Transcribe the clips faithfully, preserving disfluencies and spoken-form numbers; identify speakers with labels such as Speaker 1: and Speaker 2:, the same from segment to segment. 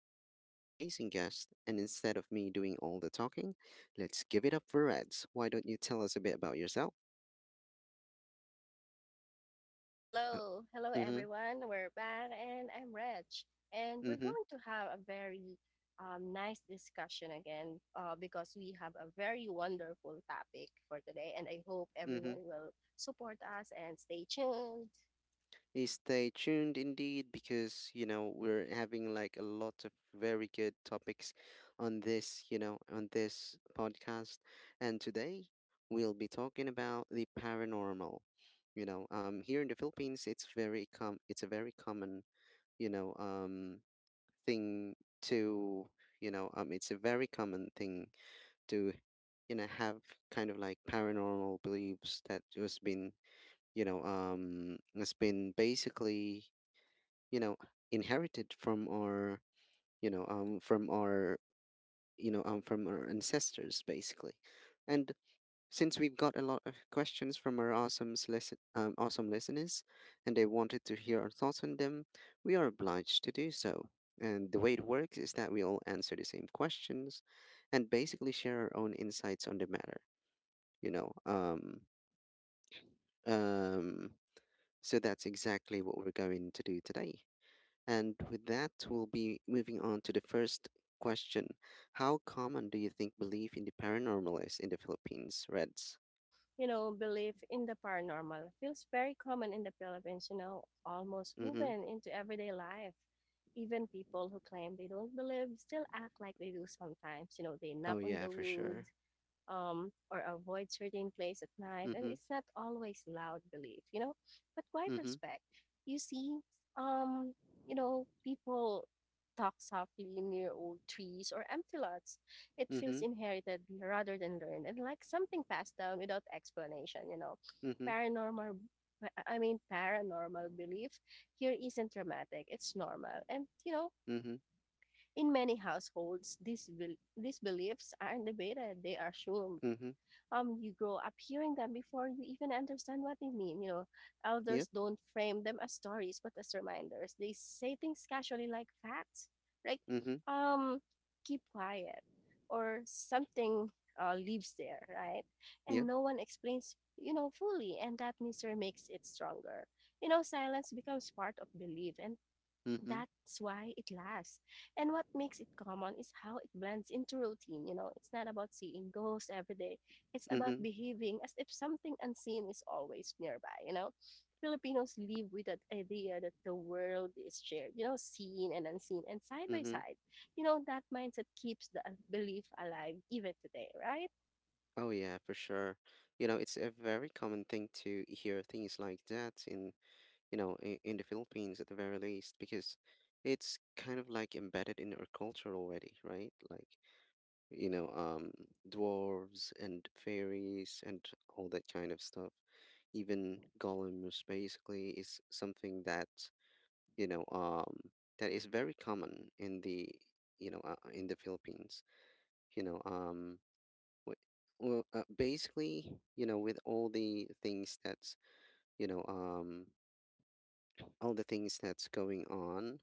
Speaker 1: today is an amazing guest, and instead of me doing all the talking, let's give it up for Reds. Why don't you tell us a bit about yourself? Uh,
Speaker 2: Hello, hello
Speaker 1: mm-hmm,
Speaker 2: everyone. We're back, and I'm Reg, and we're
Speaker 1: mm-hmm,
Speaker 2: going to have a very um, nice discussion again uh, because we have a very wonderful topic for today, and I hope
Speaker 1: mm-hmm.
Speaker 2: everyone will support us and stay tuned.
Speaker 1: Eh, Stay tuned indeed because, you know, we're having like a lot of very good topics on this, you know, on this podcast. And today we'll be talking about the paranormal. You know, um, here in the Philippines, it's very com it's a very common, you know, um, thing to, you know, um, it's a very common thing to, you know, have kind of like paranormal beliefs that just been, you know, um, has been basically you know inherited from our you know um from our you know um from our ancestors basically. And since we've got a lot of questions from our awesome listen um, awesome listeners, and they wanted to hear our thoughts on them, we are obliged to do so. And the way it works is that we all answer the same questions and basically share our own insights on the matter, you know um um so that's exactly what we're going to do today. And with that, we'll be moving on to the first question. How common do you think belief in the paranormal is in the Philippines, Reds?
Speaker 2: You know, belief in the paranormal feels very common in the Philippines. You know, almost
Speaker 1: Mm-hmm.
Speaker 2: woven into everyday life. Even people who claim they don't believe still act like they do sometimes. You know, they
Speaker 1: Oh
Speaker 2: knock on
Speaker 1: yeah,
Speaker 2: the
Speaker 1: for
Speaker 2: wood
Speaker 1: sure.
Speaker 2: um, or avoid certain place at night. And
Speaker 1: Mm-hmm.
Speaker 2: it's not always loud belief, you know, but quite
Speaker 1: Mm-hmm.
Speaker 2: respect. You see, um, you know, people talk softly near old trees or empty lots. It
Speaker 1: Mm-hmm.
Speaker 2: feels inherited rather than learned and like something passed down without explanation, you know.
Speaker 1: Mm-hmm.
Speaker 2: Paranormal, I mean, Paranormal belief here isn't dramatic, it's normal. And, you know,
Speaker 1: Mm-hmm.
Speaker 2: in many households, these, bel- these beliefs aren't debated, they are assumed.
Speaker 1: Mm-hmm.
Speaker 2: Um, you grow up hearing them before you even understand what they mean. You know,
Speaker 1: Yep.
Speaker 2: elders don't frame them as stories but as reminders. They say things casually like facts, like
Speaker 1: Mm-hmm.
Speaker 2: um, keep quiet or something uh, lives there, right? And
Speaker 1: Yep.
Speaker 2: no one explains, you know, fully, and that mystery makes it stronger. You know, silence becomes part of belief, and
Speaker 1: Mm-hmm.
Speaker 2: that's why it lasts. And what makes it common is how it blends into routine. You know, it's not about seeing ghosts every day, it's about
Speaker 1: Mm-hmm.
Speaker 2: behaving as if something unseen is always nearby. You know, Filipinos live with that idea that the world is shared, you know, seen and unseen and side by
Speaker 1: Mm-hmm.
Speaker 2: side. You know, that mindset keeps the belief alive even today, right?
Speaker 1: Oh yeah, for sure. You know, it's a very common thing to hear things like that in, you know, in, in the Philippines at the very least, because it's kind of like embedded in our culture already, right? Like you know, um, dwarves and fairies and all that kind of stuff. Even golems basically is something that, you know, um, that is very common in the, you know, uh, in the Philippines. You know, um, wh- well, uh, basically, you know, with all the things that's, you know, um, all the things that's going on,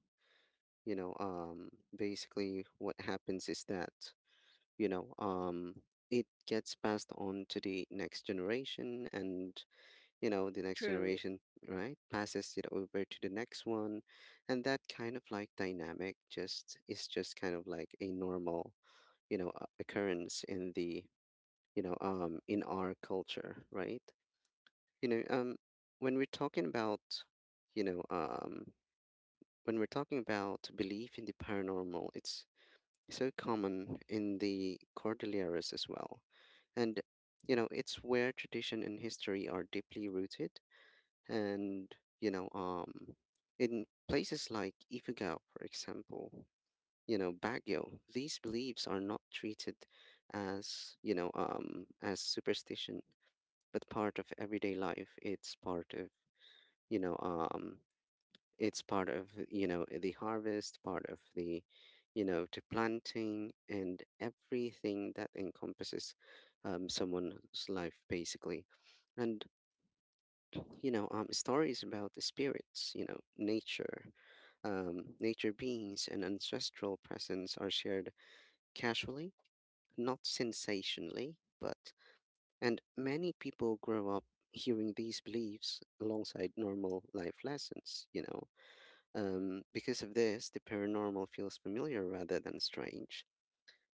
Speaker 1: you know, um, basically what happens is that you know um it gets passed on to the next generation, and you know the next
Speaker 2: True.
Speaker 1: generation, right, passes it over to the next one. And that kind of like dynamic just is just kind of like a normal, you know uh, occurrence in the, you know um in our culture, right? you know um when we're talking about you know um when we're talking about belief in the paranormal, it's so common in the Cordilleras as well. And, you know, it's where tradition and history are deeply rooted. And, you know, um, in places like Ifugao, for example, you know, Baguio, these beliefs are not treated as, you know, um, as superstition, but part of everyday life. It's part of, you know, um, it's part of, you know, the harvest, part of the, you know to planting, and everything that encompasses um, someone's life basically. And you know um, stories about the spirits, you know, nature um, nature beings and ancestral presence are shared casually, not sensationally, but and many people grow up hearing these beliefs alongside normal life lessons, you know um, because of this, the paranormal feels familiar rather than strange,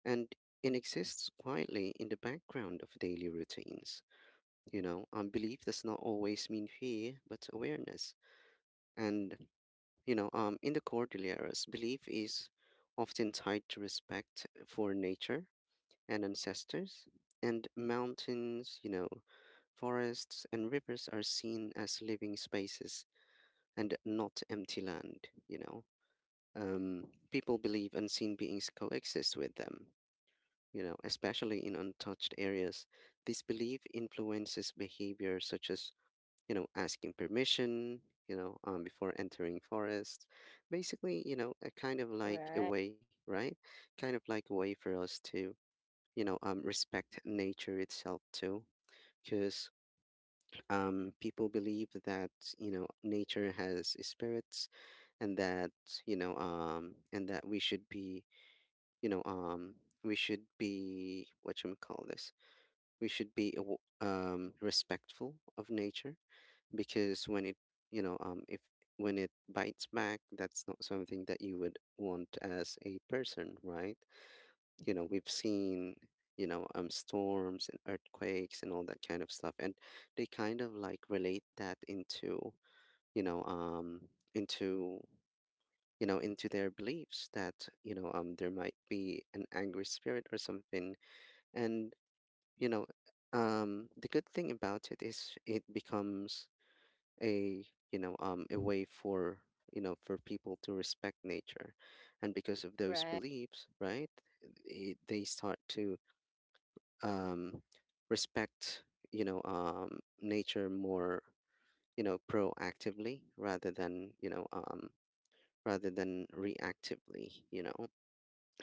Speaker 1: and it exists quietly in the background of daily routines. You know, um, belief does not always mean fear, but awareness. And, you know, um, in the Cordilleras, belief is often tied to respect for nature and ancestors, and mountains, you know, forests and rivers are seen as living spaces and not empty land, you know. Um, people believe unseen beings coexist with them, you know, especially in untouched areas. This belief influences behavior such as, you know, asking permission, you know, um, before entering forests. Basically, you know, a kind of like a
Speaker 2: Right.
Speaker 1: way, right? Kind of like a way for us to, you know, um, respect nature itself too. Because um, people believe that, you know, nature has spirits, and that, you know um, and that we should be, you know um we should be what you call this we should be aw- um respectful of nature. Because when it you know um if when it bites back, that's not something that you would want as a person, right? You know, we've seen, you know um storms and earthquakes and all that kind of stuff, and they kind of like relate that into, you know um into you know, into their beliefs that, you know um there might be an angry spirit or something. And, you know um the good thing about it is it becomes a, you know um a way for, you know for people to respect nature. And because of those
Speaker 2: Right.
Speaker 1: beliefs, right, it, they start to um respect, you know um nature more, you know, proactively, rather than you know um rather than reactively, you know.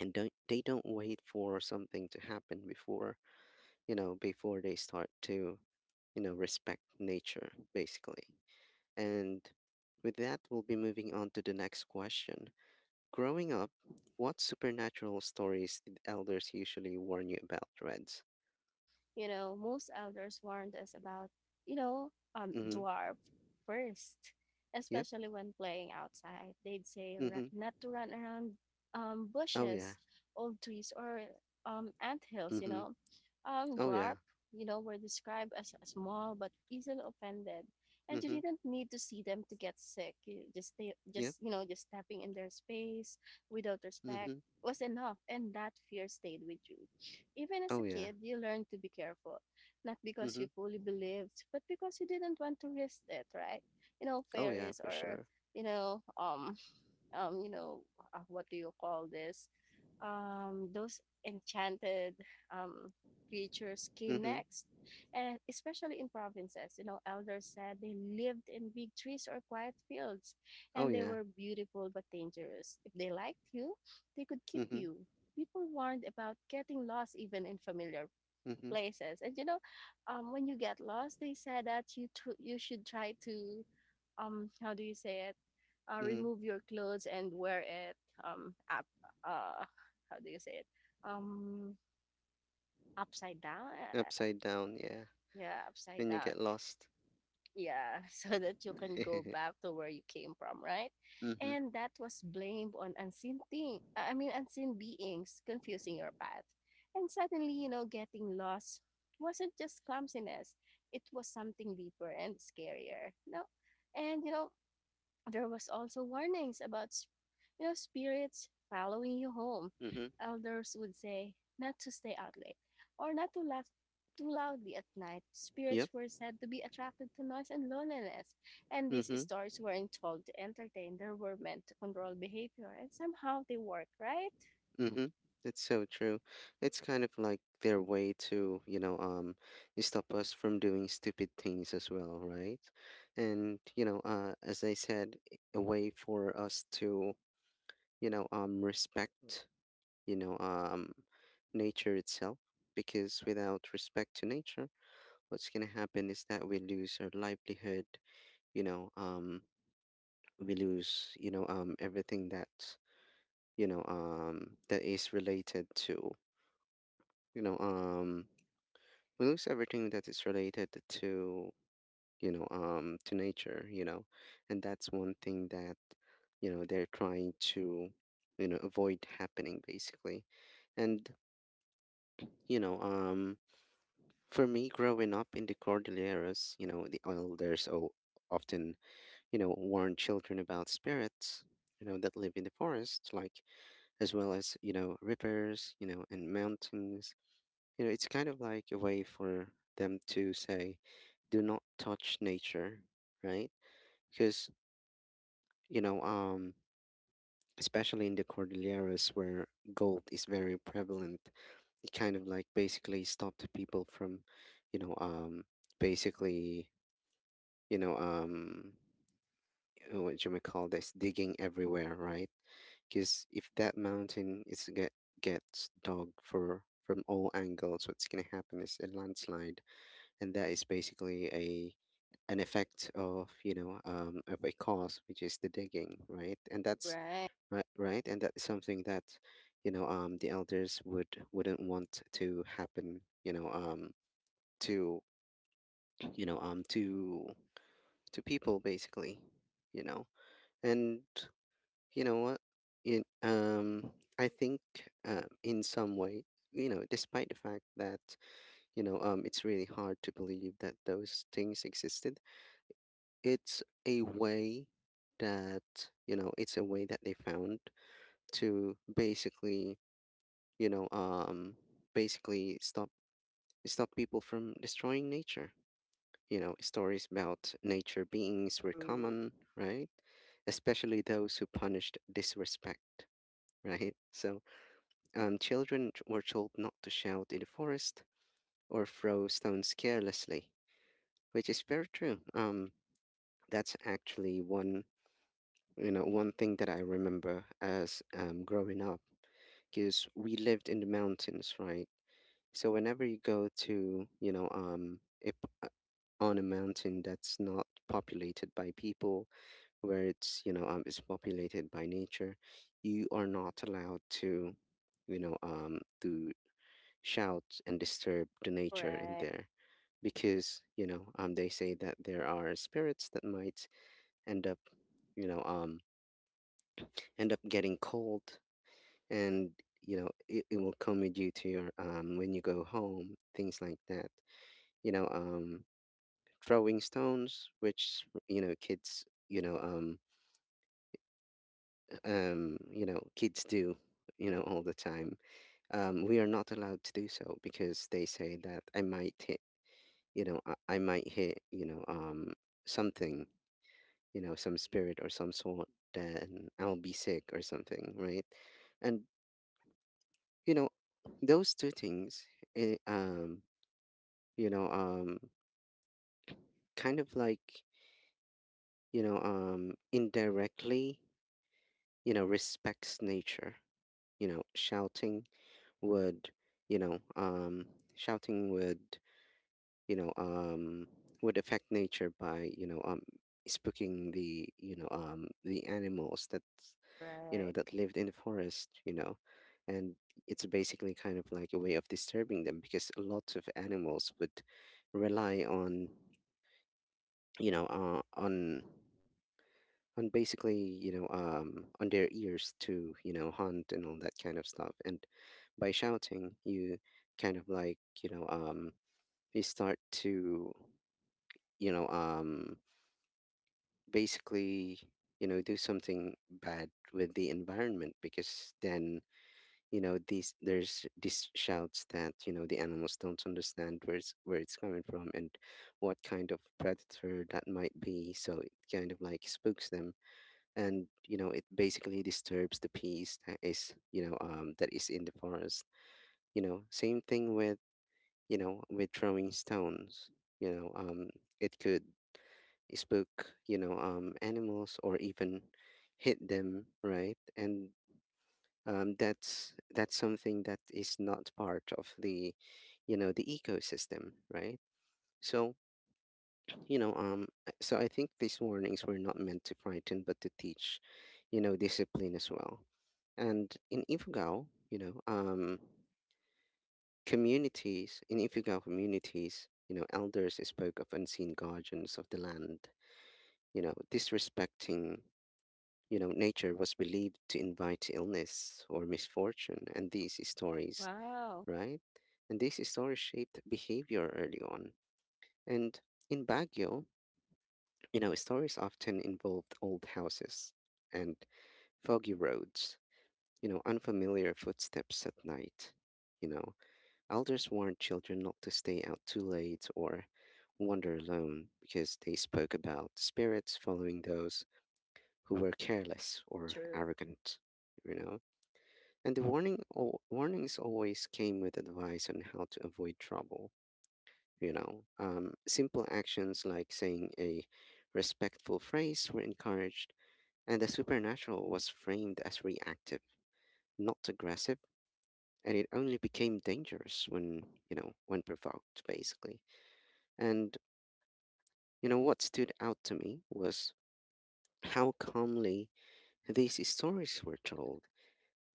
Speaker 1: And don't they don't wait for something to happen before, you know before they start to, you know respect nature basically. And with that, we'll be moving on to the next question. Growing up, what supernatural stories did elders usually warn you about, Reds?
Speaker 2: You know, most elders warned us about, you know, um,
Speaker 1: Mm-hmm.
Speaker 2: dwarf first,
Speaker 1: Yep.
Speaker 2: especially when playing outside. They'd say ra-
Speaker 1: Mm-hmm.
Speaker 2: not to run around um,
Speaker 1: Oh yeah.
Speaker 2: bushes, old trees, or um, hills. You
Speaker 1: Mm-hmm.
Speaker 2: know. Um,
Speaker 1: Oh yeah.
Speaker 2: dwarf, you know, were described as a small but easily offended. And you
Speaker 1: Mm-hmm.
Speaker 2: didn't need to see them to get sick. You just, they,
Speaker 1: Yep.
Speaker 2: just you know, just stepping in their space without respect
Speaker 1: Mm-hmm.
Speaker 2: was enough, and that fear stayed with you. Even as a
Speaker 1: Oh yeah.
Speaker 2: kid, you learn to be careful, not because
Speaker 1: Mm-hmm.
Speaker 2: you fully believed, but because you didn't want to risk it, right? You know,
Speaker 1: Oh yeah,
Speaker 2: fairies
Speaker 1: for
Speaker 2: or,
Speaker 1: sure.
Speaker 2: you know, um, um you know uh, what do you call this, um those enchanted um creatures came
Speaker 1: Mm-hmm.
Speaker 2: next, and especially in provinces, you know, elders said they lived in big trees or quiet fields,
Speaker 1: Oh
Speaker 2: and they
Speaker 1: yeah.
Speaker 2: were beautiful but dangerous. If they liked you, they could keep
Speaker 1: Mm-hmm.
Speaker 2: you. People warned about getting lost even in familiar
Speaker 1: Mm-hmm.
Speaker 2: places. And you know, um, when you get lost, they said that you tr- you should try to, um, how do you say it? Uh,
Speaker 1: Mm-hmm.
Speaker 2: remove your clothes and wear it um up. Uh, how do you say it? Um, Upside down. Uh,
Speaker 1: Upside down. Yeah.
Speaker 2: Yeah, upside
Speaker 1: When you
Speaker 2: down.
Speaker 1: get lost.
Speaker 2: Yeah, so that you can go back to where you came from, right?
Speaker 1: Mm-hmm.
Speaker 2: And that was blamed on unseen thing. I mean, unseen beings confusing your path. And suddenly, you know, getting lost wasn't just clumsiness. It was something deeper and scarier. No, and you know, there was also warnings about, s- you know, spirits following you home.
Speaker 1: Mm-hmm.
Speaker 2: Elders would say not to stay out late or not to laugh too loudly at night. Spirits
Speaker 1: Yep.
Speaker 2: were said to be attracted to noise and loneliness, and these
Speaker 1: Mm-hmm.
Speaker 2: stories weren't told to entertain. They were meant to control behavior, and somehow they worked, right?
Speaker 1: Mm-hmm. That's so true. It's kind of like their way to, you know, um, stop us from doing stupid things as well, right? And, you know, uh, as I said, i- a way for us to, you know, um, respect, you know, um, nature itself. Because without respect to nature, what's gonna happen is that we lose our livelihood, you know, um, we lose, you know um everything that, you know um that is related to, you know um we lose everything that is related to, you know um to nature, you know. And that's one thing that, you know they're trying to, you know avoid happening basically. And, you know um for me, growing up in the Cordilleras, you know, the elders o- often, you know warn children about spirits, you know, that live in the forest, like as well as, you know, rivers, you know, and mountains. You know, it's kind of like a way for them to say, do not touch nature, right? Because, you know, um, especially in the Cordilleras where gold is very prevalent, it kind of like basically stopped people from, you know, um, basically, you know, um, uh, what you may call this, digging everywhere, right? Because if that mountain is get gets dug for from all angles, what's gonna happen is a landslide, and that is basically a an effect of, you know um, of a cause, which is the digging, right? And that's
Speaker 2: Right.
Speaker 1: right, right. And that is something that, you know um, the elders would wouldn't want to happen, you know um, to, you know um, to to people basically, you know. And you know what, in um I think, uh, in some way, you know, despite the fact that, you know um it's really hard to believe that those things existed, it's a way that, you know it's a way that they found to basically, you know um basically stop stop people from destroying nature. You know, stories about nature beings were
Speaker 2: True.
Speaker 1: common, right, especially those who punished disrespect, right? So um children t- were told not to shout in the forest or throw stones carelessly, which is very true. Um that's actually one. You know, one thing that I remember as um, growing up, because we lived in the mountains, right? So whenever you go to, you know, um, a p- uh, on a mountain that's not populated by people, where it's, you know, um, it's populated by nature, you are not allowed to, you know, um, to shout and disturb the nature in
Speaker 2: Right.
Speaker 1: there because, you know, um, they say that there are spirits that might end up, you know, um, end up getting cold, and you know it, it will come with you to your um when you go home, things like that. you know um Throwing stones, which you know kids you know um um you know kids do, you know all the time, um we are not allowed to do so because they say that I might hit you know I, I might hit you know um something, you know some spirit or some sort. Then I'll be sick or something, right? And, you know those two things, eh, um you know um kind of like, you know um indirectly, you know respects nature. you know shouting would you know um shouting would, you know um would affect nature by you know um spooking the you know um the animals that you know,
Speaker 2: Right.
Speaker 1: that lived in the forest, you know. And it's basically kind of like a way of disturbing them, because a lot of animals would rely on, you know, uh, on on basically, you know, um, on their ears to, you know, hunt and all that kind of stuff. And by shouting, you kind of like, you know, um, you start to, you know, um, basically, you know, do something bad with the environment, because then, you know these there's these shouts that, you know the animals don't understand where it's where it's coming from and what kind of predator that might be. So it kind of like spooks them, and, you know it basically disturbs the peace that is, you know um that is in the forest. You know same thing with, you know with throwing stones. you know um it could spook, you know um animals, or even hit them, right? And, um, that's that's something that is not part of the you know the ecosystem, right? So, you know um uh, so I think these warnings were not meant to frighten but to teach, you know discipline as well. And in Ifugao, you know um communities in ifugao communities, you know elders spoke of unseen guardians of the land. You know disrespecting, you know nature was believed to invite illness or misfortune, and these stories,
Speaker 2: Wow.
Speaker 1: right? And these stories shaped behavior early on. And in Baguio, you know, stories often involved old houses and foggy roads, you know, unfamiliar footsteps at night. You know, Elders warned children not to stay out too late or wander alone, because they spoke about spirits following those who were careless or arrogant, you know. And the warning, al- warnings always came with advice on how to avoid trouble. You know um, simple actions, like saying a respectful phrase, were encouraged, and the supernatural was framed as reactive, not aggressive, and it only became dangerous when you know when provoked, basically. And, you know what stood out to me was how calmly these stories were told.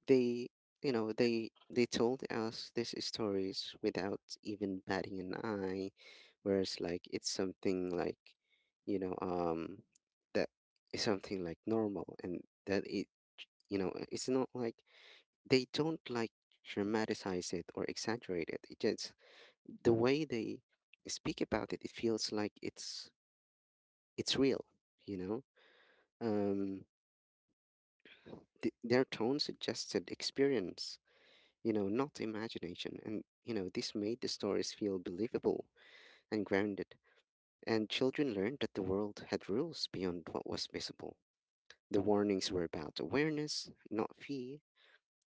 Speaker 1: They, you know, they they told us these stories without even batting an eye, whereas, like, it's something like, you know, um, that is something like normal, and that it, you know, it's not like they don't, like, dramatize it or exaggerate it. It just, the way they speak about it, it feels like it's it's real, you know. Um, th- their tone suggested experience, you know, not imagination. And, you know, this made the stories feel believable and grounded. And children learned that the world had rules beyond what was visible. The warnings were about awareness, not fear.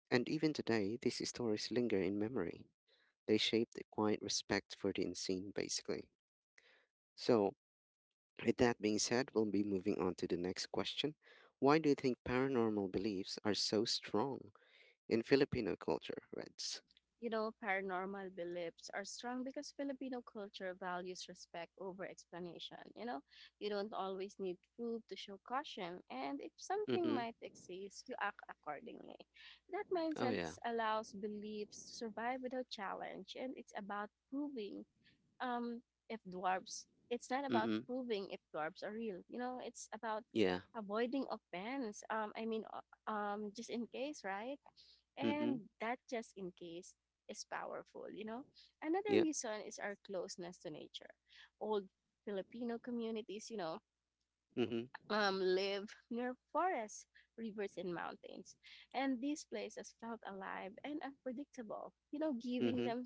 Speaker 1: And even today, these stories linger in memory. They shaped a quiet respect for the unseen, basically. So, with that being said, we'll be moving on to the next question. Why do you think paranormal beliefs are so strong in Filipino culture, Reds?
Speaker 2: You know, paranormal beliefs are strong because Filipino culture values respect over explanation. You know, you don't always need proof to show caution, and if something
Speaker 1: Mm-hmm.
Speaker 2: might exist, you act accordingly. That
Speaker 1: Oh,
Speaker 2: mindset
Speaker 1: yeah.
Speaker 2: allows beliefs to survive without challenge, and it's about proving um if dwarves, it's not about
Speaker 1: Mm-hmm.
Speaker 2: proving if dwarves are real, you know, it's about
Speaker 1: Yeah.
Speaker 2: avoiding offense, um i mean uh, um just in case, right?
Speaker 1: Mm-hmm.
Speaker 2: And that just in case is powerful, you know. Another
Speaker 1: Yep.
Speaker 2: reason is our closeness to nature. Old Filipino communities, you know,
Speaker 1: Mhm.
Speaker 2: um, live near forests, rivers, and mountains. And these places felt alive and unpredictable. You know, giving
Speaker 1: Mhm.
Speaker 2: them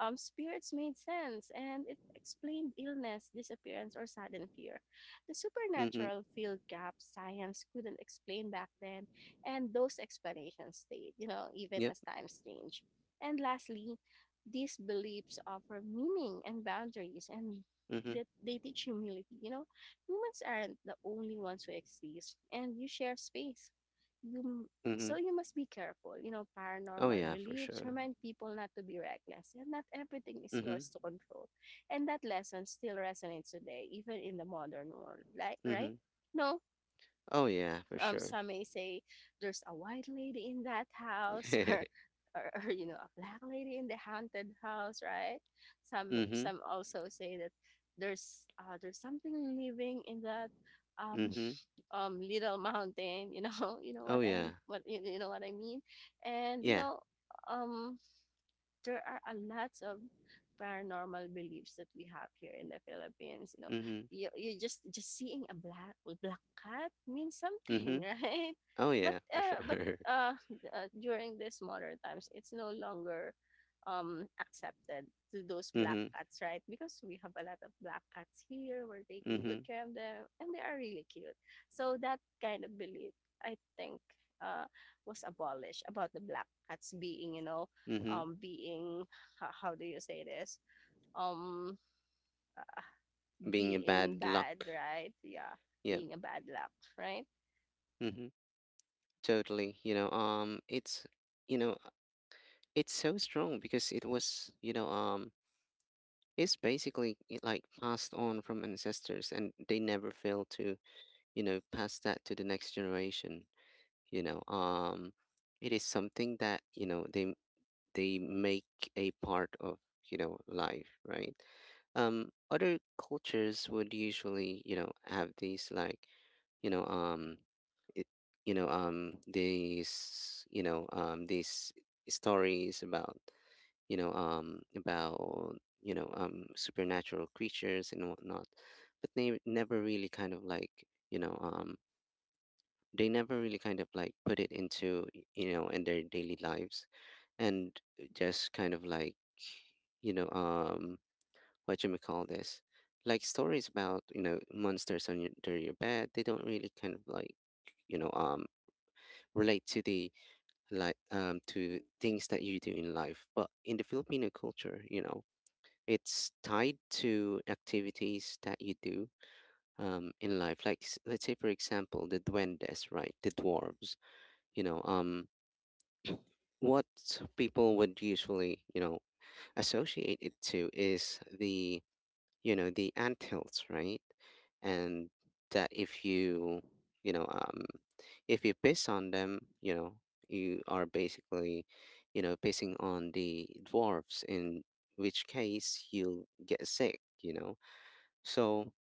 Speaker 2: um, spirits made sense and it explained illness, disappearance, or sudden fear. The
Speaker 1: Mhm.
Speaker 2: supernatural filled gaps science couldn't explain back then, and those explanations stayed, you know, even
Speaker 1: Yep.
Speaker 2: as times change. And lastly, these beliefs offer meaning and boundaries, and
Speaker 1: Mhm.
Speaker 2: that they teach humility, you know. Humans aren't the only ones who exist, and you share space. You so
Speaker 1: Mhm.
Speaker 2: you must be careful. You know,
Speaker 1: Oh
Speaker 2: paranormal
Speaker 1: yeah, for
Speaker 2: beliefs
Speaker 1: sure.
Speaker 2: remind people not to be reckless, and not everything is
Speaker 1: Mhm.
Speaker 2: yours to control. And that lesson still resonates today, even in the modern world. Like, right?
Speaker 1: Mhm.
Speaker 2: No,
Speaker 1: Oh yeah, for
Speaker 2: um,
Speaker 1: sure.
Speaker 2: some may say there's a white lady in that house, or, or, or you know a black lady in the haunted house, right? some
Speaker 1: Mhm.
Speaker 2: some also say that there's uh, there's something living in that um,
Speaker 1: Mhm.
Speaker 2: um little mountain, you know. You know
Speaker 1: Oh
Speaker 2: what i'm
Speaker 1: yeah.
Speaker 2: what you, you know what I mean. And you
Speaker 1: Yeah.
Speaker 2: know, um there are a lots of paranormal beliefs that we have here in the Philippines. You know,
Speaker 1: Mhm.
Speaker 2: you, you just just seeing a black black cat means something,
Speaker 1: Mhm.
Speaker 2: right?
Speaker 1: Oh
Speaker 2: But
Speaker 1: yeah, for
Speaker 2: uh, but
Speaker 1: sure.
Speaker 2: uh, uh, during this modern times, it's no longer um accepted to those black
Speaker 1: Mhm.
Speaker 2: cats, right? Because we have a lot of black cats here. We're taking good
Speaker 1: Mhm.
Speaker 2: care of them, and they are really cute. So that kind of belief, I think, uh, was abolished about the black cats being, you know,
Speaker 1: Mhm.
Speaker 2: um being ho- how do you say this, um
Speaker 1: Being a
Speaker 2: being
Speaker 1: bad
Speaker 2: bad,
Speaker 1: luck.
Speaker 2: right? Yeah,
Speaker 1: Yep.
Speaker 2: being a bad luck, right?
Speaker 1: Mhm. Totally. You know, um, it's you know, it's so strong because it was, you know, um, it's basically, it, like, passed on from ancestors, and they never fail to, you know pass that to the next generation. you know um it is something that, you know they they make a part of, you know life, right? Um other cultures would usually, you know have these like, you know um it, you know um these you know um these stories about, you know um about you know um supernatural creatures and whatnot, but they never really kind of like you know um they never really kind of like put it into y- you know in their daily lives, and, uh, just kind of like, you know um what you may call this, like, stories about, you know monsters on your, under your bed. They don't really kind of like, you know um relate to the like um to things that you do in life. But in the Filipino culture, you know it's tied to activities that you do, um in life. Like s- let's say, for example, the duendes, right? The dwarves. you know um what people would usually, you know associate it to, is the you know the anthills, right? And that, if you you know um if you piss on them, you know you are basically, you know pissing on the dwarfs, in which case you'll get sick, you know so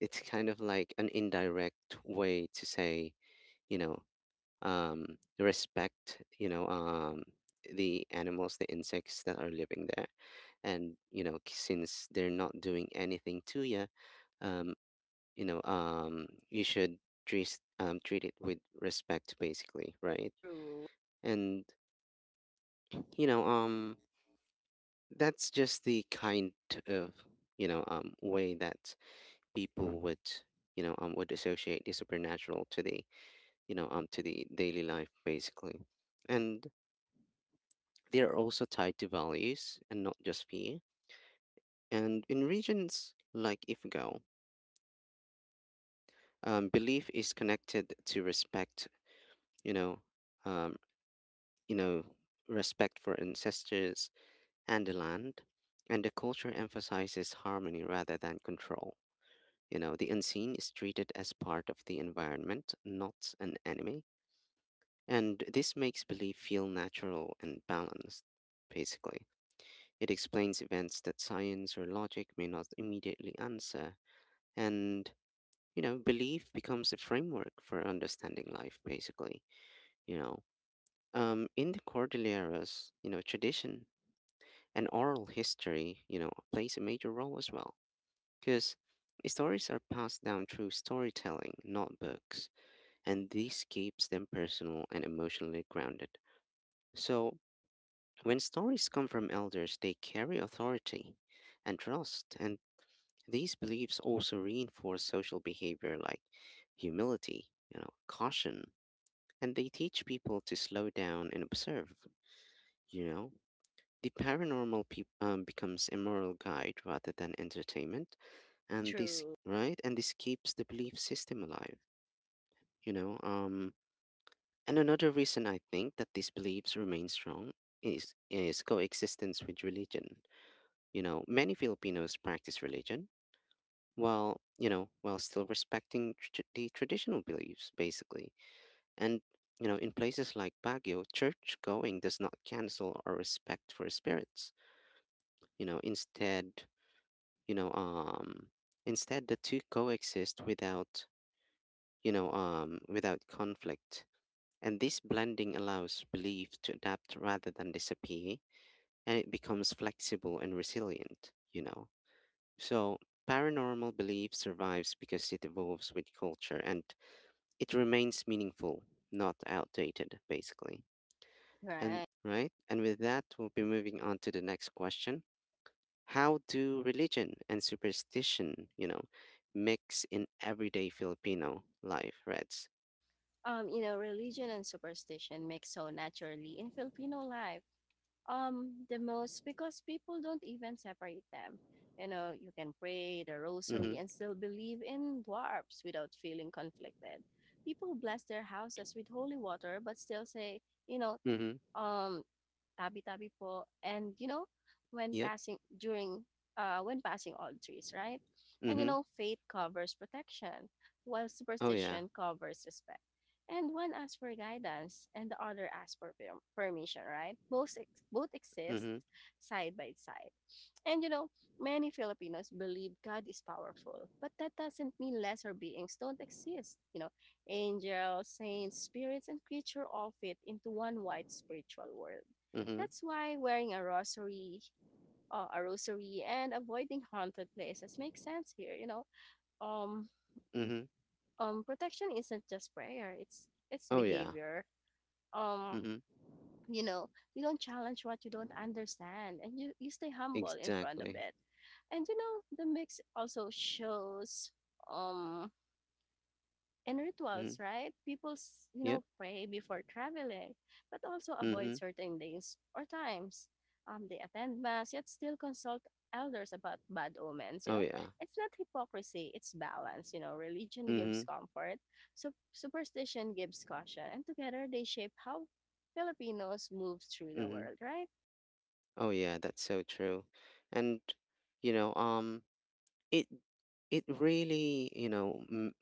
Speaker 1: it's kind of like an indirect way to say, you know um, respect, you know, um, the animals, the insects that are living there. And, you know, k- since they're not doing anything to you, um, you know, um, you should treat, um, treat it with respect, basically, right?
Speaker 2: True,
Speaker 1: And, you know, um, that's just the kind of, you know, um, way that people would, you know, um, would associate the supernatural to the, you know, um, to the daily life, basically. And They are also tied to values, and not just fear. And in regions like Ifugao, um, belief is connected to respect. You know, um, you know, Respect for ancestors and the land, and the culture emphasizes harmony rather than control. You know, the unseen is treated as part of the environment, not an enemy, and this makes belief feel natural and balanced, basically. It explains events that science or logic may not immediately answer. And, you know, belief becomes a framework for understanding life, basically. You know, um, in the Cordilleras, you know, tradition and oral history, you know, plays a major role as well, because stories are passed down through storytelling, not books. And this keeps them personal and emotionally grounded. So when stories come from elders, they carry authority and trust. And these beliefs also reinforce social behavior like humility, you know, caution, and they teach people to slow down and observe, you know. The paranormal peop um, becomes a moral guide rather than entertainment, and this,
Speaker 2: true,
Speaker 1: right? And this keeps the belief system alive, you know. Um, and another reason I think that these beliefs remain strong is is coexistence with religion. You know, many Filipinos practice religion, while you know while still respecting tr- the traditional beliefs, basically. And, you know in places like Baguio, church going does not cancel our respect for spirits. you know instead you know um instead, the two coexist without you know um without conflict. And this blending allows belief to adapt rather than disappear, and it becomes flexible and resilient, you know. So paranormal belief survives because it evolves with culture, and it remains meaningful, not outdated, basically. And
Speaker 2: Right.
Speaker 1: right, and with that, we'll be moving on to the next question. How do religion and superstition, you know, mix in everyday Filipino life, Reds?
Speaker 2: Um you know, religion and superstition mix so naturally in Filipino life, um the most, because people don't even separate them. You know, you can pray the rosary
Speaker 1: Mm-hmm.
Speaker 2: and still believe in dwarfs without feeling conflicted. People bless their houses with holy water but still say, you know,
Speaker 1: Mm-hmm.
Speaker 2: um tabi tabi po, and you know, when
Speaker 1: Yep.
Speaker 2: passing during uh, when passing all trees, right? And you
Speaker 1: Mm-hmm.
Speaker 2: know, faith covers protection, while
Speaker 1: Oh yeah.
Speaker 2: superstition covers respect. And one asks for guidance, and the other asks for per- permission, right? Both ex- both exist
Speaker 1: Mm-hmm.
Speaker 2: side by side. And you know, many Filipinos believe God is powerful, but that doesn't mean lesser beings don't exist. You know, angels, saints, spirits, and creature all fit into one wide spiritual world.
Speaker 1: Mm-hmm.
Speaker 2: That's why wearing a rosary, uh, a rosary, and avoiding haunted places makes sense here. You know, um,
Speaker 1: Mm-hmm.
Speaker 2: um, protection isn't just prayer; it's it's
Speaker 1: Oh yeah.
Speaker 2: behavior. Um,
Speaker 1: Mm-hmm.
Speaker 2: you know, you don't challenge what you don't understand, and you you stay humble in front of
Speaker 1: Exactly.
Speaker 2: it. And you know, the mix also shows um in
Speaker 1: Mm-hmm.
Speaker 2: rituals, right? People, s- you
Speaker 1: Yep.
Speaker 2: know, pray before traveling, but also avoid
Speaker 1: Mm-hmm.
Speaker 2: certain days or times. Um, they attend mass yet still consult elders about bad omens. You
Speaker 1: Oh
Speaker 2: know,
Speaker 1: yeah.
Speaker 2: it's not hypocrisy; it's balance. You know, religion
Speaker 1: Mm-hmm.
Speaker 2: gives comfort, so superstition gives caution, and together they shape how Filipinos move through the
Speaker 1: Mm-hmm.
Speaker 2: world. Right?
Speaker 1: Oh yeah, that's so true. And, you know, um, it it really, you know m-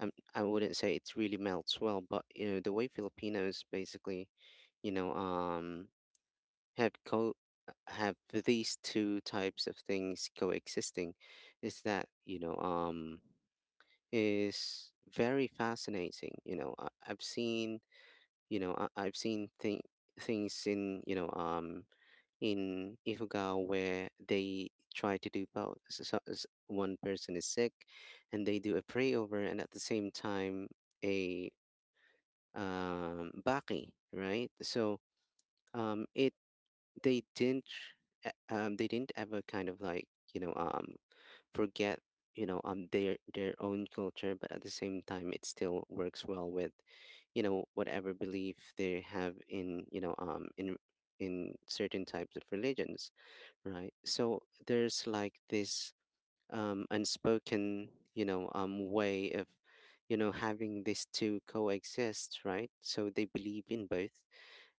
Speaker 1: I'm- I wouldn't say it really melts well, but, you know the way Filipinos basically, you know um have co have these two types of things coexisting, is that, you know um is very fascinating. You know I, I've seen, you know I, I've seen thing things in, you know um in Ifugao, where they try to do both. So, so- s- one person is sick, and they do a prayover, and at the same time, a um, baki, right? So um, it they didn't uh, um, they didn't ever kind of like, you know um, forget, you know um their their own culture, but at the same time, it still works well with, you know whatever belief they have in, you know um in in certain types of religions. Right. So there's, like, this, um, unspoken, you know, um, way of, you know, having these two coexist, right? So they believe in both,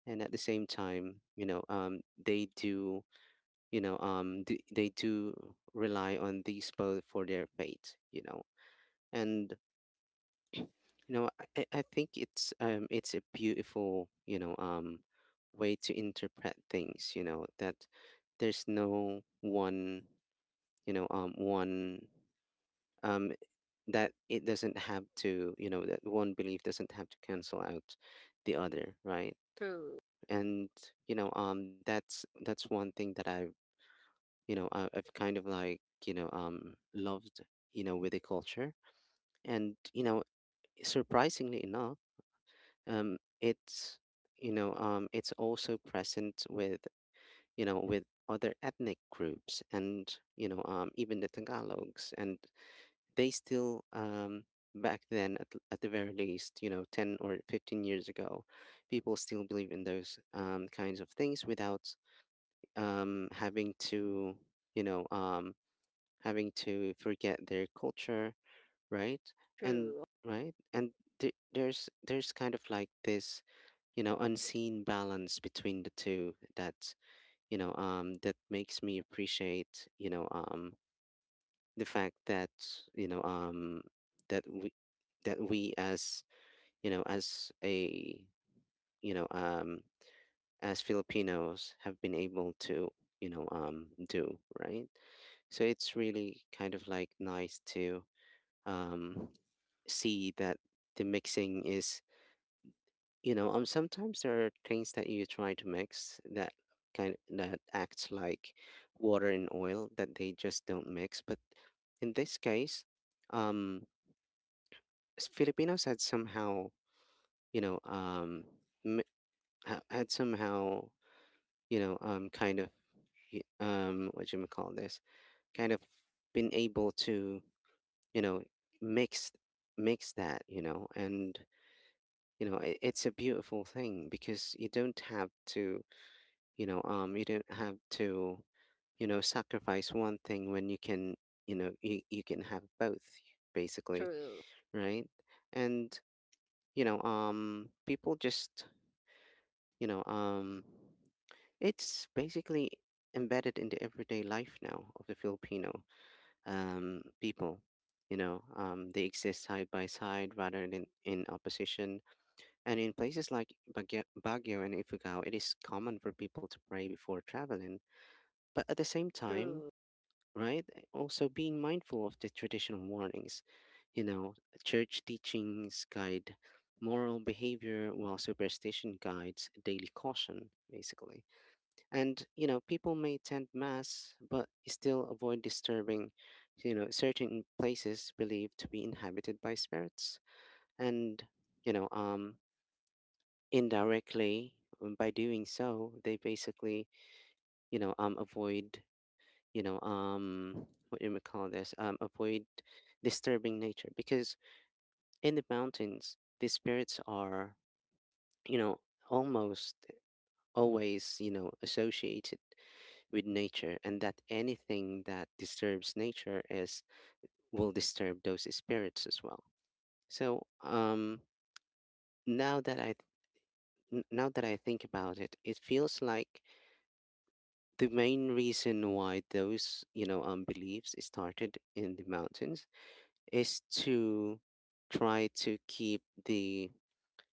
Speaker 1: and at the same time, you know, um, they do, you know, um, d they do rely on these both for their fate, you know, and, you know, I, I I think it's um, it's a beautiful, you know, um, way to interpret things, you know, that there's no one you know um one um that it doesn't have to, you know that one belief doesn't have to cancel out the other, right?
Speaker 2: True,
Speaker 1: And, you know um that's that's one thing that i you know I, i've kind of like, you know um loved, you know with the culture. And, you know surprisingly enough, um it's you know um it's also present with, you know with other ethnic groups. And, you know um even the Tagalogs. And they still, um back then, at, at the very least, you know ten or fifteen years ago, people still believe in those, um, kinds of things without, um, having to you know um, having to forget their culture, right? and
Speaker 2: true,
Speaker 1: right and th- there's there's kind of like this, you know unseen balance between the two, that you know um that makes me appreciate, you know um the fact that, you know um that we that we as, you know as a you know um as Filipinos, have been able to, you know um do right. So it's really kind of like nice to, um see that the mixing is, you know um sometimes there are things that you try to mix, that kind that acts like water and oil, that they just don't mix. But in this case, um s- Filipinos had somehow, you know, um, m- ha- had somehow, you know, um, kind of, y- um, what you may call this, kind of been able to, you know, mix mix that, you know, and, you know, it, it's a beautiful thing because you don't have to, you know, um, you don't have to, you know, sacrifice one thing when you can, you know, you, you can have both, basically,
Speaker 2: true,
Speaker 1: right? And, you know, um, people just You know, um, it's basically embedded in the everyday life now of the Filipino, um, people. You know, um, they exist side by side rather than in opposition. And in places like Baguio, Baguio and Ifugao, it is common for people to pray before traveling. But at the same time,
Speaker 2: true,
Speaker 1: right, eh, also being mindful of the traditional warnings. You know, Church teachings guide moral behavior, while superstition guides daily caution, basically. And, you know, people may attend mass but still avoid disturbing, you know, certain places believed to be inhabited by spirits. And, you know, um, indirectly, um, by doing so, they basically, you know, um, avoid, you know, um, what do you call this? Um, avoid disturbing nature, because in the mountains, the spirits are, you know, almost always, you know, associated with nature, and that anything that disturbs nature is will disturb those spirits as well. So, um now that i n- now that I think about it, it feels like the main reason why those, you know um beliefs started in the mountains, is to try to keep the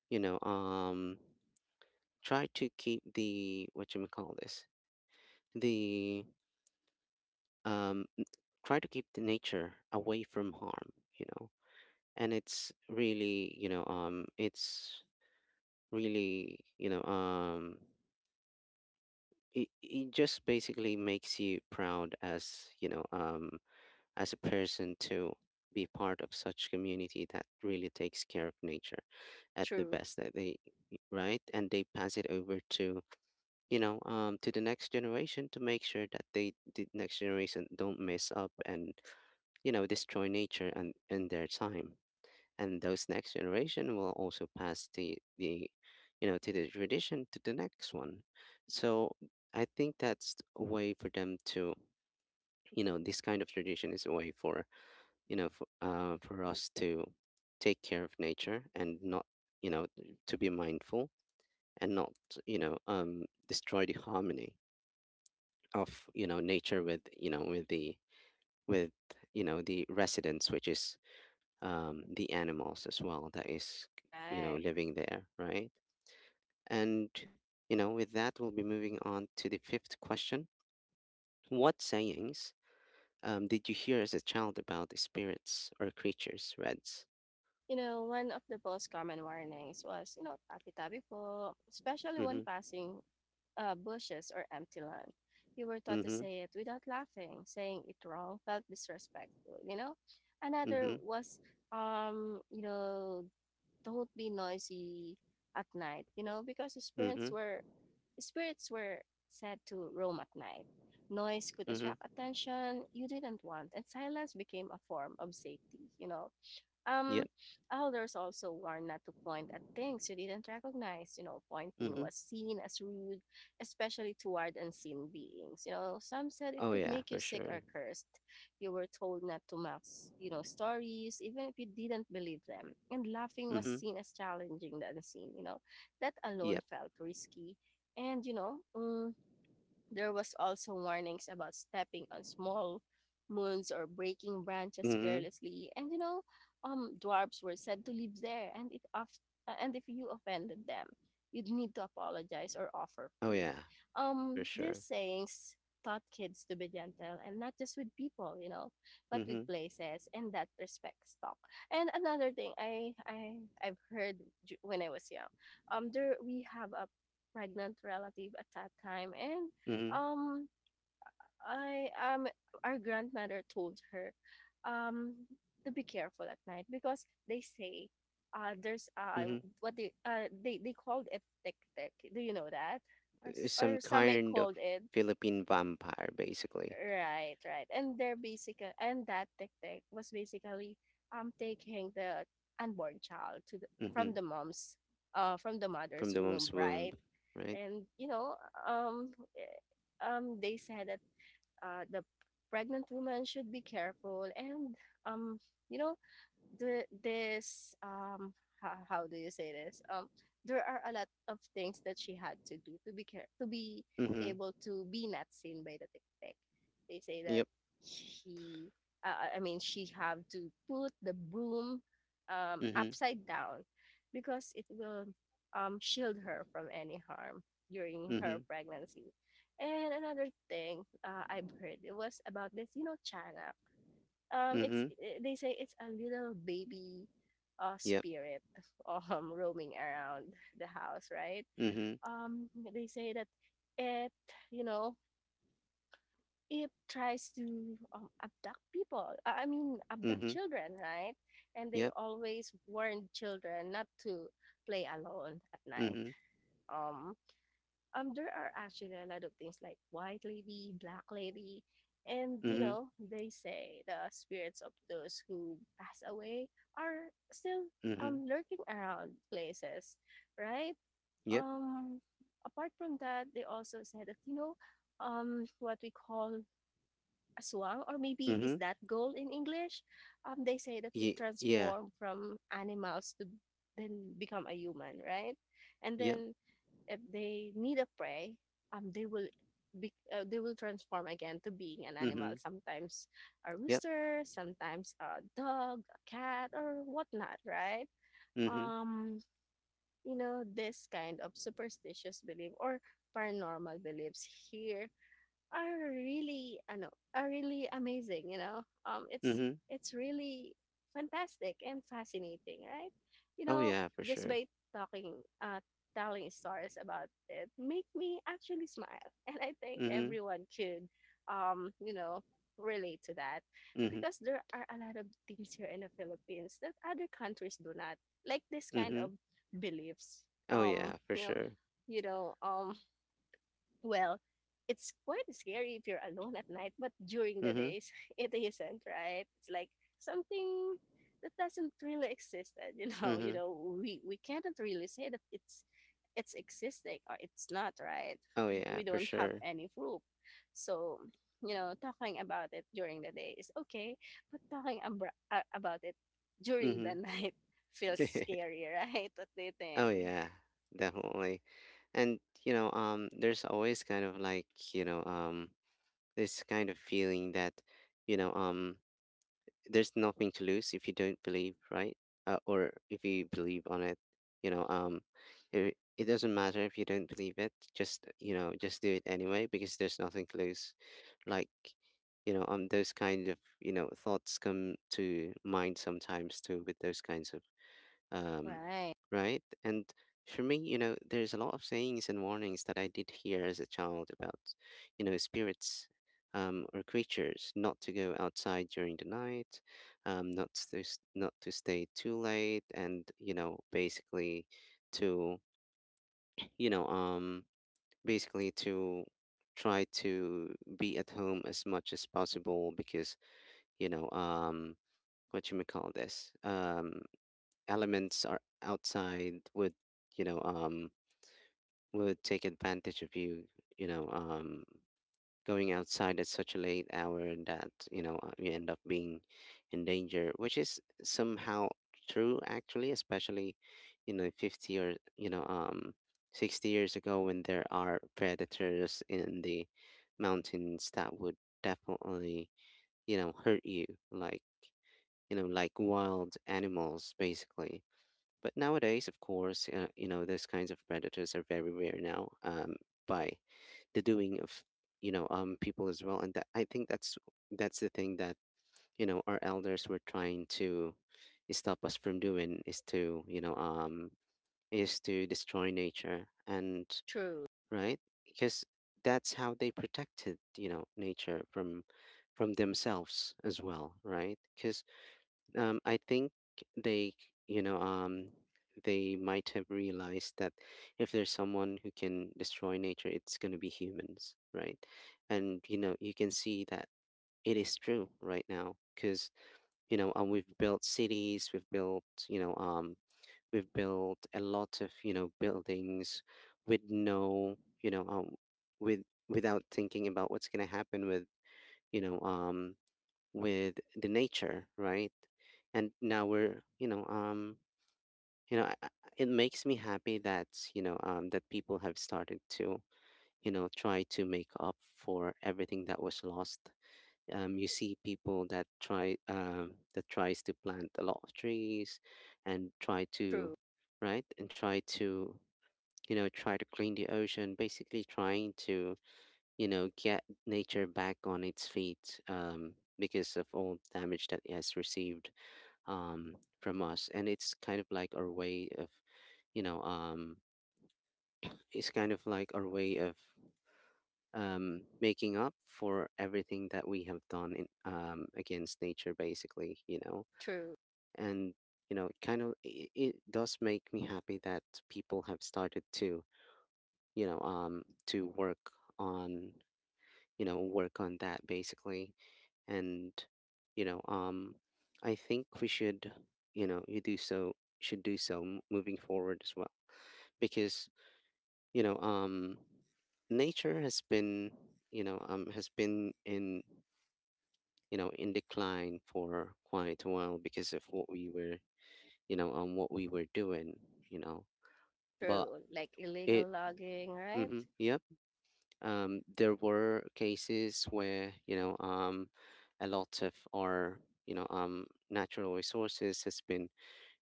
Speaker 1: you know um try to keep the what you may call this the um try to keep the nature away from harm, you know and it's really, you know um it's really you know um it, it just basically makes you proud, as, you know um as a person, to be part of such community that really takes care of nature at the
Speaker 2: true.
Speaker 1: best that they, right, and they pass it over to, you know um to the next generation, to make sure that they the next generation don't mess up and, you know destroy nature and and their time. And those next generation will also pass the the you know to the tradition to the next one. So I think that's a way for them to you know this kind of tradition is a way for, you know for, uh, for us to take care of nature, and not, you know to be mindful, and not, you know um destroy the harmony of, you know nature with, you know with the with, you know the residents, which is, um, the animals as well, that is, you know
Speaker 2: Right.
Speaker 1: living there, right? And, you know with that, we'll be moving on to the fifth question. What sayings, um, did you hear as a child about the spirits or creatures, Reds?
Speaker 2: You know, one of the most common warnings was, you know, tabi-tabi po, especially when
Speaker 1: Mm-hmm.
Speaker 2: passing uh, bushes or empty land. You were taught to
Speaker 1: Mm-hmm.
Speaker 2: say it without laughing. Saying it wrong felt disrespectful, you know? Another
Speaker 1: Mm-hmm.
Speaker 2: was, um, you know, don't be noisy at night, you know, because the spirits
Speaker 1: Mm-hmm.
Speaker 2: were spirits were said to roam at night. Noise could attract
Speaker 1: Mm-hmm.
Speaker 2: attention you didn't want, and silence became a form of safety, you know? Um,
Speaker 1: Yep.
Speaker 2: elders also warned not to point at things you didn't recognize. You know, pointing
Speaker 1: Mm-hmm.
Speaker 2: was seen as rude, especially toward unseen beings. You know, some said it
Speaker 1: Oh
Speaker 2: could
Speaker 1: yeah,
Speaker 2: make you
Speaker 1: for
Speaker 2: sick or
Speaker 1: sure.
Speaker 2: cursed. You were told not to mouth, s- you know, stories, even if you didn't believe them. And laughing was
Speaker 1: Mm-hmm.
Speaker 2: seen as challenging the unseen. You know, that alone
Speaker 1: Yep.
Speaker 2: felt risky. And, you know, mm there was also warnings about stepping on small moons or breaking branches
Speaker 1: Mm-hmm.
Speaker 2: carelessly, and you know, um, dwarves were said to live there, and it of- uh, and if you offended them, you'd need to apologize or offer
Speaker 1: Oh
Speaker 2: food.
Speaker 1: yeah, for
Speaker 2: Um, these
Speaker 1: sure.
Speaker 2: sayings taught kids to be gentle, and not just with people, you know, but with
Speaker 1: Mm-hmm.
Speaker 2: places, and that respect stock. And another thing I I I've heard ju- when I was young, um, there we have a pregnant relative at that time, and
Speaker 1: Mm-hmm.
Speaker 2: um, I um our grandmother told her, um, to be careful at night because they say, uh, there's uh
Speaker 1: Mm-hmm.
Speaker 2: what they uh they they called it tick tick. Do you know that? Or
Speaker 1: Uh,
Speaker 2: s-
Speaker 1: some
Speaker 2: or some may
Speaker 1: kind of
Speaker 2: called it
Speaker 1: Philippine vampire, basically.
Speaker 2: right, right. And they're basic and that tick tick was basically um taking the unborn child to the, from
Speaker 1: Mm-hmm.
Speaker 2: the mom's uh from the
Speaker 1: From
Speaker 2: mother's
Speaker 1: the
Speaker 2: womb,
Speaker 1: mom's womb,
Speaker 2: right?
Speaker 1: right?
Speaker 2: And you know um eh, um they said that uh, the pregnant woman should be careful. And um you know the this um how, how do you say this um There are a lot of things that she had to do to be care to be
Speaker 1: Mhm.
Speaker 2: able to be not seen by the tiktok. They say that
Speaker 1: Yep.
Speaker 2: she uh, uh, I mean she have to put the broom um
Speaker 1: Mhm.
Speaker 2: upside down because it will um shield her from any harm during her
Speaker 1: Mhm.
Speaker 2: pregnancy. And another thing, uh, I've heard it was about this, you know, chana. Um it's
Speaker 1: Mhm.
Speaker 2: eh, they say it's a little baby uh
Speaker 1: Yep.
Speaker 2: spirit, um roaming around the house, right?
Speaker 1: Mhm.
Speaker 2: Um they say that it you know it tries to, um, abduct people, i I mean abduct
Speaker 1: Mhm.
Speaker 2: children, right? And they
Speaker 1: Yep.
Speaker 2: always warn children not to play alone at night.
Speaker 1: Mhm.
Speaker 2: um um there are actually a lot of things like white lady, black lady. And you
Speaker 1: Mhm.
Speaker 2: know, they say the spirits of those who pass away are still
Speaker 1: Mhm.
Speaker 2: um lurking around places, right?
Speaker 1: Yep.
Speaker 2: um Apart from that, they also say that, you know, um what we call aswang, or maybe is
Speaker 1: Mhm.
Speaker 2: that goal in English. Um they say that it
Speaker 1: Ye Yeah.
Speaker 2: transformed from animals to then become a human, right? And
Speaker 1: Yep.
Speaker 2: then if they need a prey, um, they will be, uh, they will transform again to being an animal.
Speaker 1: Mhm.
Speaker 2: Sometimes a
Speaker 1: Yep.
Speaker 2: rooster, sometimes a dog, a cat, or whatnot, right?
Speaker 1: Mhm.
Speaker 2: Um, you know, this kind of superstitious belief or paranormal beliefs here are really, I know, are really amazing, you know. Um it's
Speaker 1: Mhm.
Speaker 2: it's really fantastic and fascinating, right? you
Speaker 1: Oh
Speaker 2: know
Speaker 1: yeah, for
Speaker 2: just
Speaker 1: sure.
Speaker 2: by talking uh telling stories about it make me actually smile, and I think
Speaker 1: Mhm.
Speaker 2: everyone could um you know relate to that,
Speaker 1: Mhm.
Speaker 2: because there are a lot of things here in the Philippines that other countries do not, like this kind
Speaker 1: Mhm.
Speaker 2: of beliefs.
Speaker 1: Oh
Speaker 2: um
Speaker 1: yeah, for
Speaker 2: you know
Speaker 1: sure.
Speaker 2: you know um well, it's quite scary if you're alone at night, but during the
Speaker 1: Mhm.
Speaker 2: days, it isn't, right? It's like something that doesn't really exist. And, you know, you
Speaker 1: Mhm.
Speaker 2: know, we we cannot really say that it's it's existing or it's not, right?
Speaker 1: Oh yeah,
Speaker 2: We
Speaker 1: for
Speaker 2: don't have
Speaker 1: sure.
Speaker 2: any proof. So, you know, talking about it during the day is okay, but talking abra- uh, about it during the
Speaker 1: Mhm.
Speaker 2: night feels scary, right? What do you
Speaker 1: Oh
Speaker 2: think?
Speaker 1: yeah, definitely. And, you know, um, there's always kind of like, you know, um, this kind of feeling that, you know, um, there's nothing to lose if you don't believe, right? Uh, or if you believe on it, you know, um, it, it doesn't matter if you don't believe it. Just you know, just do it anyway because there's nothing to lose. Like, you know, um, those kind of, you know thoughts come to mind sometimes too, with those kinds of, um,
Speaker 2: Right.
Speaker 1: right? And for me, you know, there's a lot of sayings and warnings that I did hear as a child about, you know, spirits, um, or creatures. Not to go outside during the night, um, not to s- not to stay too late, and, you know, basically to, you know, um, basically to try to be at home as much as possible, because, you know, um, what you may call this, um, elements are outside would, you know um would take advantage of you, you know um going outside at such a late hour, that, you know uh, you end up being in danger, which is somehow true actually, especially, you know fifty or, you know um sixty years ago, when there are predators in the mountains that would definitely, you know hurt you, like, you know like wild animals, basically. But nowadays, of course, uh, you know, those kinds of predators are very rare now, um, by the doing of, you know, um, people as well. And that, I think that's that's the thing that, you know, our elders were trying to stop us from doing, is to, you know, um, is to destroy nature, and,
Speaker 2: True.
Speaker 1: right, because that's how they protected, you know, nature from from themselves as well, right? Because, um, I think they, you know, um, they might have realized that if there's someone who can destroy nature, it's going to be humans, right? And, you know, you can see that it is true right now, because, you know, um, we've built cities, we've built, you know, um, we've built a lot of, you know, buildings with no, you know, um, with without thinking about what's going to happen with, you know, um, with the nature, right? And now we're, you know, um, you know, I- I- it makes me happy that, you know um, that people have started to, you know, try to make up for everything that was lost. Um, you see people that try um, that tries to plant a lot of trees, and try to,
Speaker 2: True.
Speaker 1: right, and try to, you know, try to clean the ocean. Basically, trying to, you know get nature back on its feet, um, because of all damage that it has received, um, from us. And it's kind of like our way of, you know um, it's kind of like our way of um, making up for everything that we have done in, um, against nature, basically, you know
Speaker 2: True.
Speaker 1: and, you know it kind of it, it does make me happy that people have started to, you know um, to work on you know work on that, basically. And, you know um I think we should, you know you do so should do so m- moving forward as well, because, you know um nature has been you know um has been in, you know in decline for quite a while, because of what we were, you know um what we were doing, you know but
Speaker 2: True, like
Speaker 1: it
Speaker 2: illegal logging, right?
Speaker 1: mm, yep, um there were cases where, you know um a lot of our, you know um natural resources has been,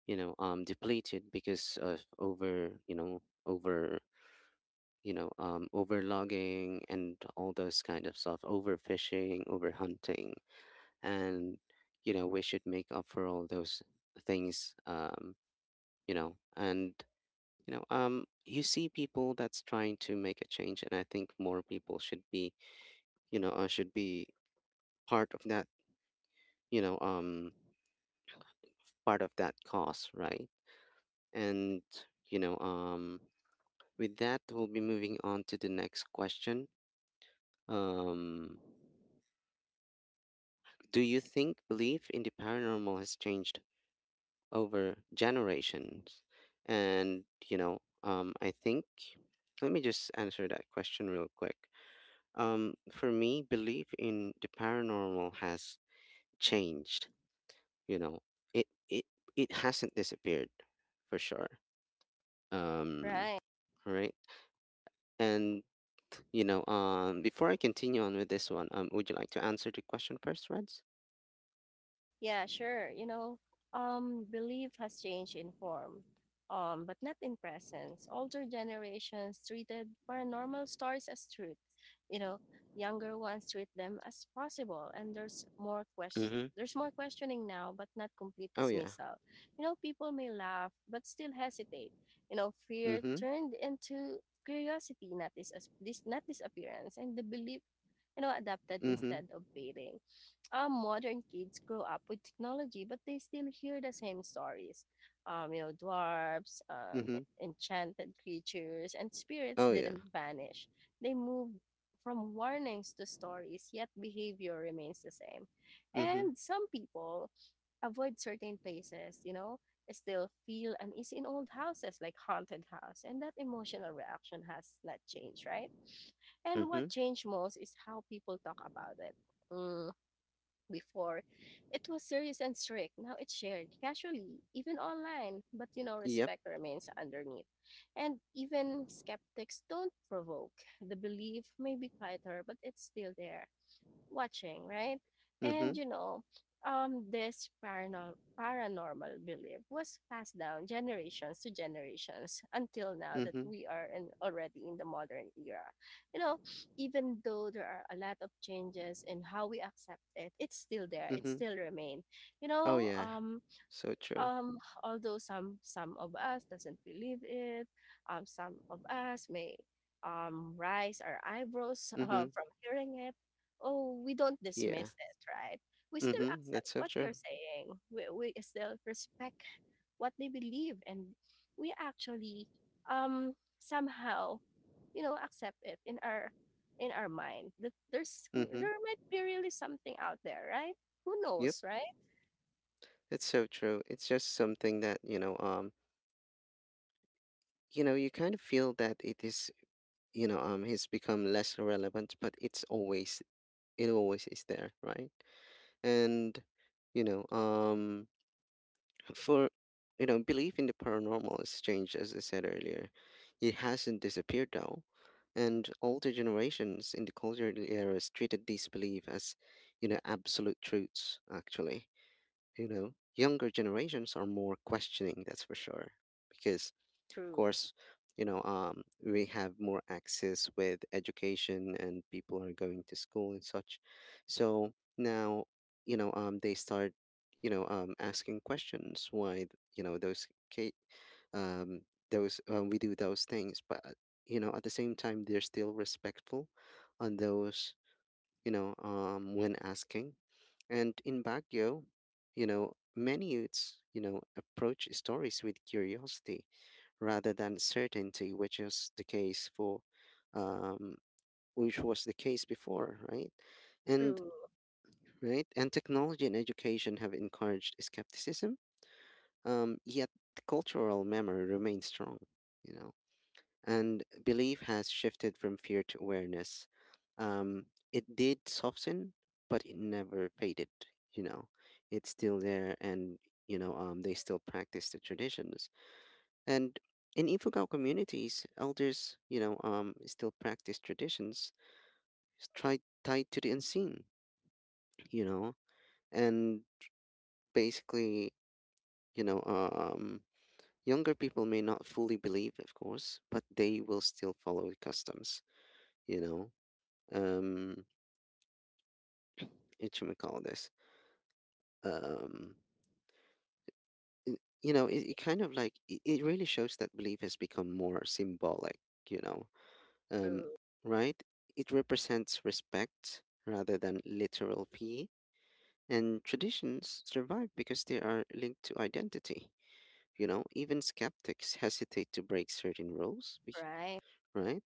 Speaker 1: you know um depleted because of over you know over you know um overlogging and all those kind of stuff, overfishing, overhunting, and, you know we should make up for all those things, um you know and, you know um you see people that's trying to make a change. And I think more people should be, you know uh, should be part of that, you know um part of that cause, right? And, you know um with that, we'll be moving on to the next question. Um, do you think belief in the paranormal has changed over generations? And, you know, um, I think, let me just answer that question real quick. Um, for me, belief in the paranormal has changed, you know, it, it, it hasn't disappeared, for sure. Um,
Speaker 2: Right.
Speaker 1: right. and. You know, um, before I continue on with this one, um, would you like to answer the question first, Reds?
Speaker 2: Yeah, sure. You know, um, belief has changed in form, um, but not in presence. Older generations treated paranormal stories as truth. You know, younger ones treat them as possible, and there's more question.
Speaker 1: Mm-hmm.
Speaker 2: There's more questioning now, but not complete
Speaker 1: Oh yeah.
Speaker 2: dismissal. You know, people may laugh, but still hesitate. You know, fear
Speaker 1: Mm-hmm.
Speaker 2: turned into curiosity, not this, this not disappearance, and the belief, you know, adapted
Speaker 1: Mm-hmm.
Speaker 2: instead of fading uh, Modern kids grow up with technology, but they still hear the same stories. Um, you know, dwarfs, um,
Speaker 1: Mm-hmm.
Speaker 2: e- enchanted creatures, and spirits
Speaker 1: Oh yeah.
Speaker 2: didn't vanish. They moved from warnings to stories, yet behavior remains the same.
Speaker 1: Mm-hmm.
Speaker 2: And some people avoid certain places, you know, still feel uneasy in old houses, like haunted house. And that emotional reaction has not changed, right? And
Speaker 1: Mm-hmm.
Speaker 2: what changed most is how people talk about it. Mm Before, it was serious and strict. Now it's shared casually, even online. But you know,
Speaker 1: Yep.
Speaker 2: respect remains underneath. And even skeptics don't provoke. The belief may be quieter, but it's still there watching, right?
Speaker 1: Mm-hmm.
Speaker 2: And you know, um, this paranormal paranormal belief was passed down generations to generations until now, that
Speaker 1: Mm-hmm.
Speaker 2: we are in, already in the modern era. You know, even though there are a lot of changes in how we accept it, it's still there. It
Speaker 1: Mm-hmm.
Speaker 2: still remain. You
Speaker 1: Oh
Speaker 2: know,
Speaker 1: yeah.
Speaker 2: um,
Speaker 1: So true.
Speaker 2: um, Although some some of us doesn't believe it, um, some of us may, um, rise our eyebrows, uh,
Speaker 1: Mm-hmm.
Speaker 2: from hearing it. Oh, we don't
Speaker 1: Yeah.
Speaker 2: dismiss it, right? We still
Speaker 1: Mm-hmm.
Speaker 2: accept
Speaker 1: That's so
Speaker 2: what
Speaker 1: true.
Speaker 2: they're saying. We, we still respect what they believe, and we actually, um, somehow, you know, accept it in our in our mind that there's
Speaker 1: Mm-hmm.
Speaker 2: there might be really something out there, right? Who
Speaker 1: Yep.
Speaker 2: knows, right?
Speaker 1: That's so true. It's just something that, you know, um, you know, you kind of feel that it is, you know, um, it's become less relevant, but it's always it always is there, right? And, you know, um, for, you know, belief in the paranormal has changed, as I said earlier. It hasn't disappeared though, and older generations in the colonial eras treated this belief as, you know, absolute truths. Actually, you know, younger generations are more questioning, that's for sure. Because, of
Speaker 2: True,
Speaker 1: course, you know, um, we have more access with education and people are going to school and such. So now, you know, um, they start, you know, um, asking questions why, th- you know, those, ca- um, those, um, we do those things. But, you know, at the same time, they're still respectful on those you know, um, when asking. And in Baguio, you know, many youths, you know, approach stories with curiosity rather than certainty, which is the case for, um, which was the case before, right? And
Speaker 2: true,
Speaker 1: right, and technology and education have encouraged skepticism. Um, yet the cultural memory remains strong, you know and belief has shifted from fear to awareness. Um, it did soften, but it never faded. You know, it's still there, and you know, um, they still practice the traditions. And in Ifugao communities, elders, you know, um, still practice traditions s- try, tied to the unseen. You know, and basically, you know, um, younger people may not fully believe, of course, but they will still follow the customs. You know, um It should we call this um y- you know it, it kind of like it, it really shows that belief has become more symbolic you know um
Speaker 2: true.
Speaker 1: right, it represents respect rather than literal fee, and traditions survive because they are linked to identity. You know, even skeptics hesitate to break certain rules bec-
Speaker 2: Right.
Speaker 1: right,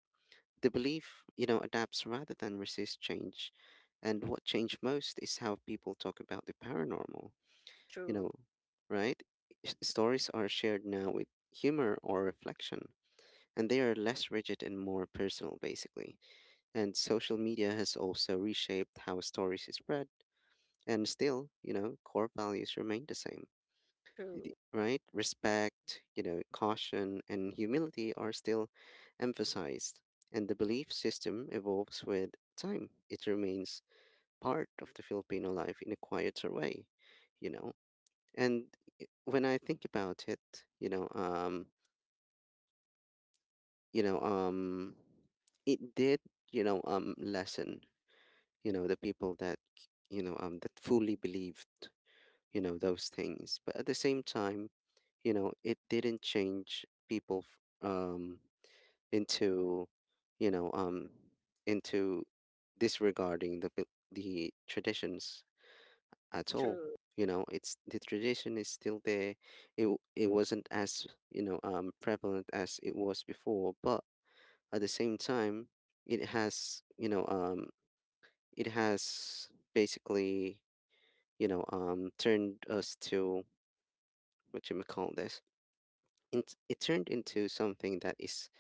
Speaker 1: the belief, you know, adapts rather than resist change. And what changed most is how people talk about the paranormal you know,
Speaker 2: True.
Speaker 1: right? S- Stories are shared now with humor or reflection, and they are less rigid and more personal, basically. And social media has also reshaped how stories is spread, and still, you know, core values remain the same. The-
Speaker 2: True.
Speaker 1: Right? Respect, you know, caution, and humility are still emphasized, and the belief system evolves with time. It remains part of the Filipino life in a quieter way, you know. And i- when I think about it, you know, um, you know, um, it did, you know, um, lessen, you know, the people that, you know, um, that fully believed, you know, those things. But at the same time, you know, it didn't change people, f- um, into, you know, um, into disregarding the bel- the traditions at all.
Speaker 2: True.
Speaker 1: You know, it's the tradition is still there. It w- it wasn't as you know um, prevalent as it was before, but at the same time, it has you know um, it has basically you know um, turned us to what you may call this. It, it turned into something that is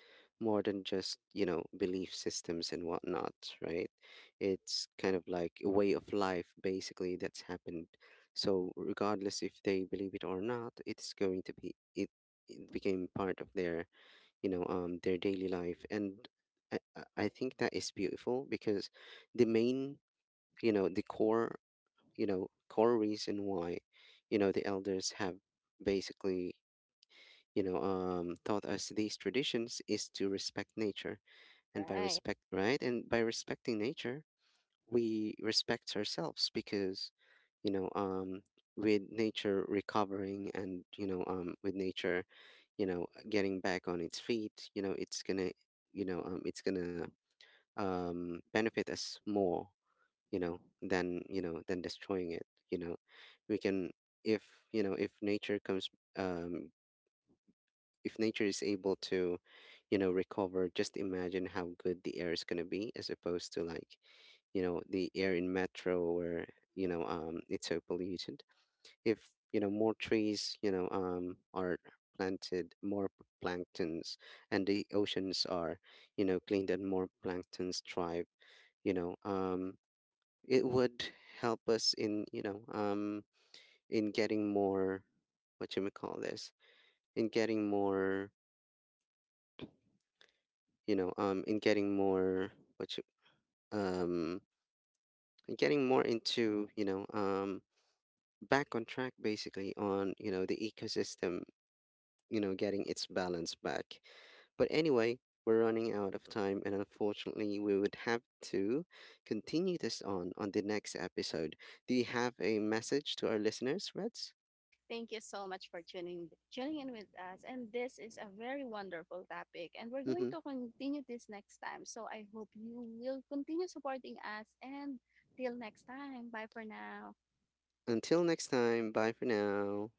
Speaker 1: more than just, you know, belief systems and whatnot, right? It's kind of like a way of life, basically, that's happened. So regardless if they believe it or not, it's going to be it, it became part of their you know um their daily life. And I, I I think that is beautiful because the main, you know, the core, you know core reason why, you know, the elders have basically you know um, taught us these traditions is to respect nature. And by
Speaker 2: Right.
Speaker 1: respect, right, and by respecting nature, we respect ourselves because you know um, with nature recovering, and you know um, with nature, you know, getting back on its feet, you know, it's gonna you know um, it's gonna um, benefit us more, you know, than, you know, than destroying it, you know. We can, if, you know, if nature comes, um, if nature is able to, you know, recover, just imagine how good the air is going to be, as opposed to, like, you know, the air in metro where, you know um it's so polluted. If, you know, more trees, you know um are planted, more p- planktons and the oceans are, you know, cleaned, and more planktons thrive, you know um it would help us in you know um in getting more, what you may call this, in getting more, you know um in getting more, what you, um in getting more into, you know um back on track, basically, on, you know, the ecosystem, you know, getting its balance back. But anyway, we're running out of time, and unfortunately we would have to continue this on on the next episode. Do you have a message to our listeners, Reds?
Speaker 2: Thank you so much for tuning tuning in with us. And this is a very wonderful topic. And we're going
Speaker 1: Mm-hmm.
Speaker 2: to continue this next time. So I hope you will continue supporting us. And till next time. Bye for now.
Speaker 1: Until next time, bye for now.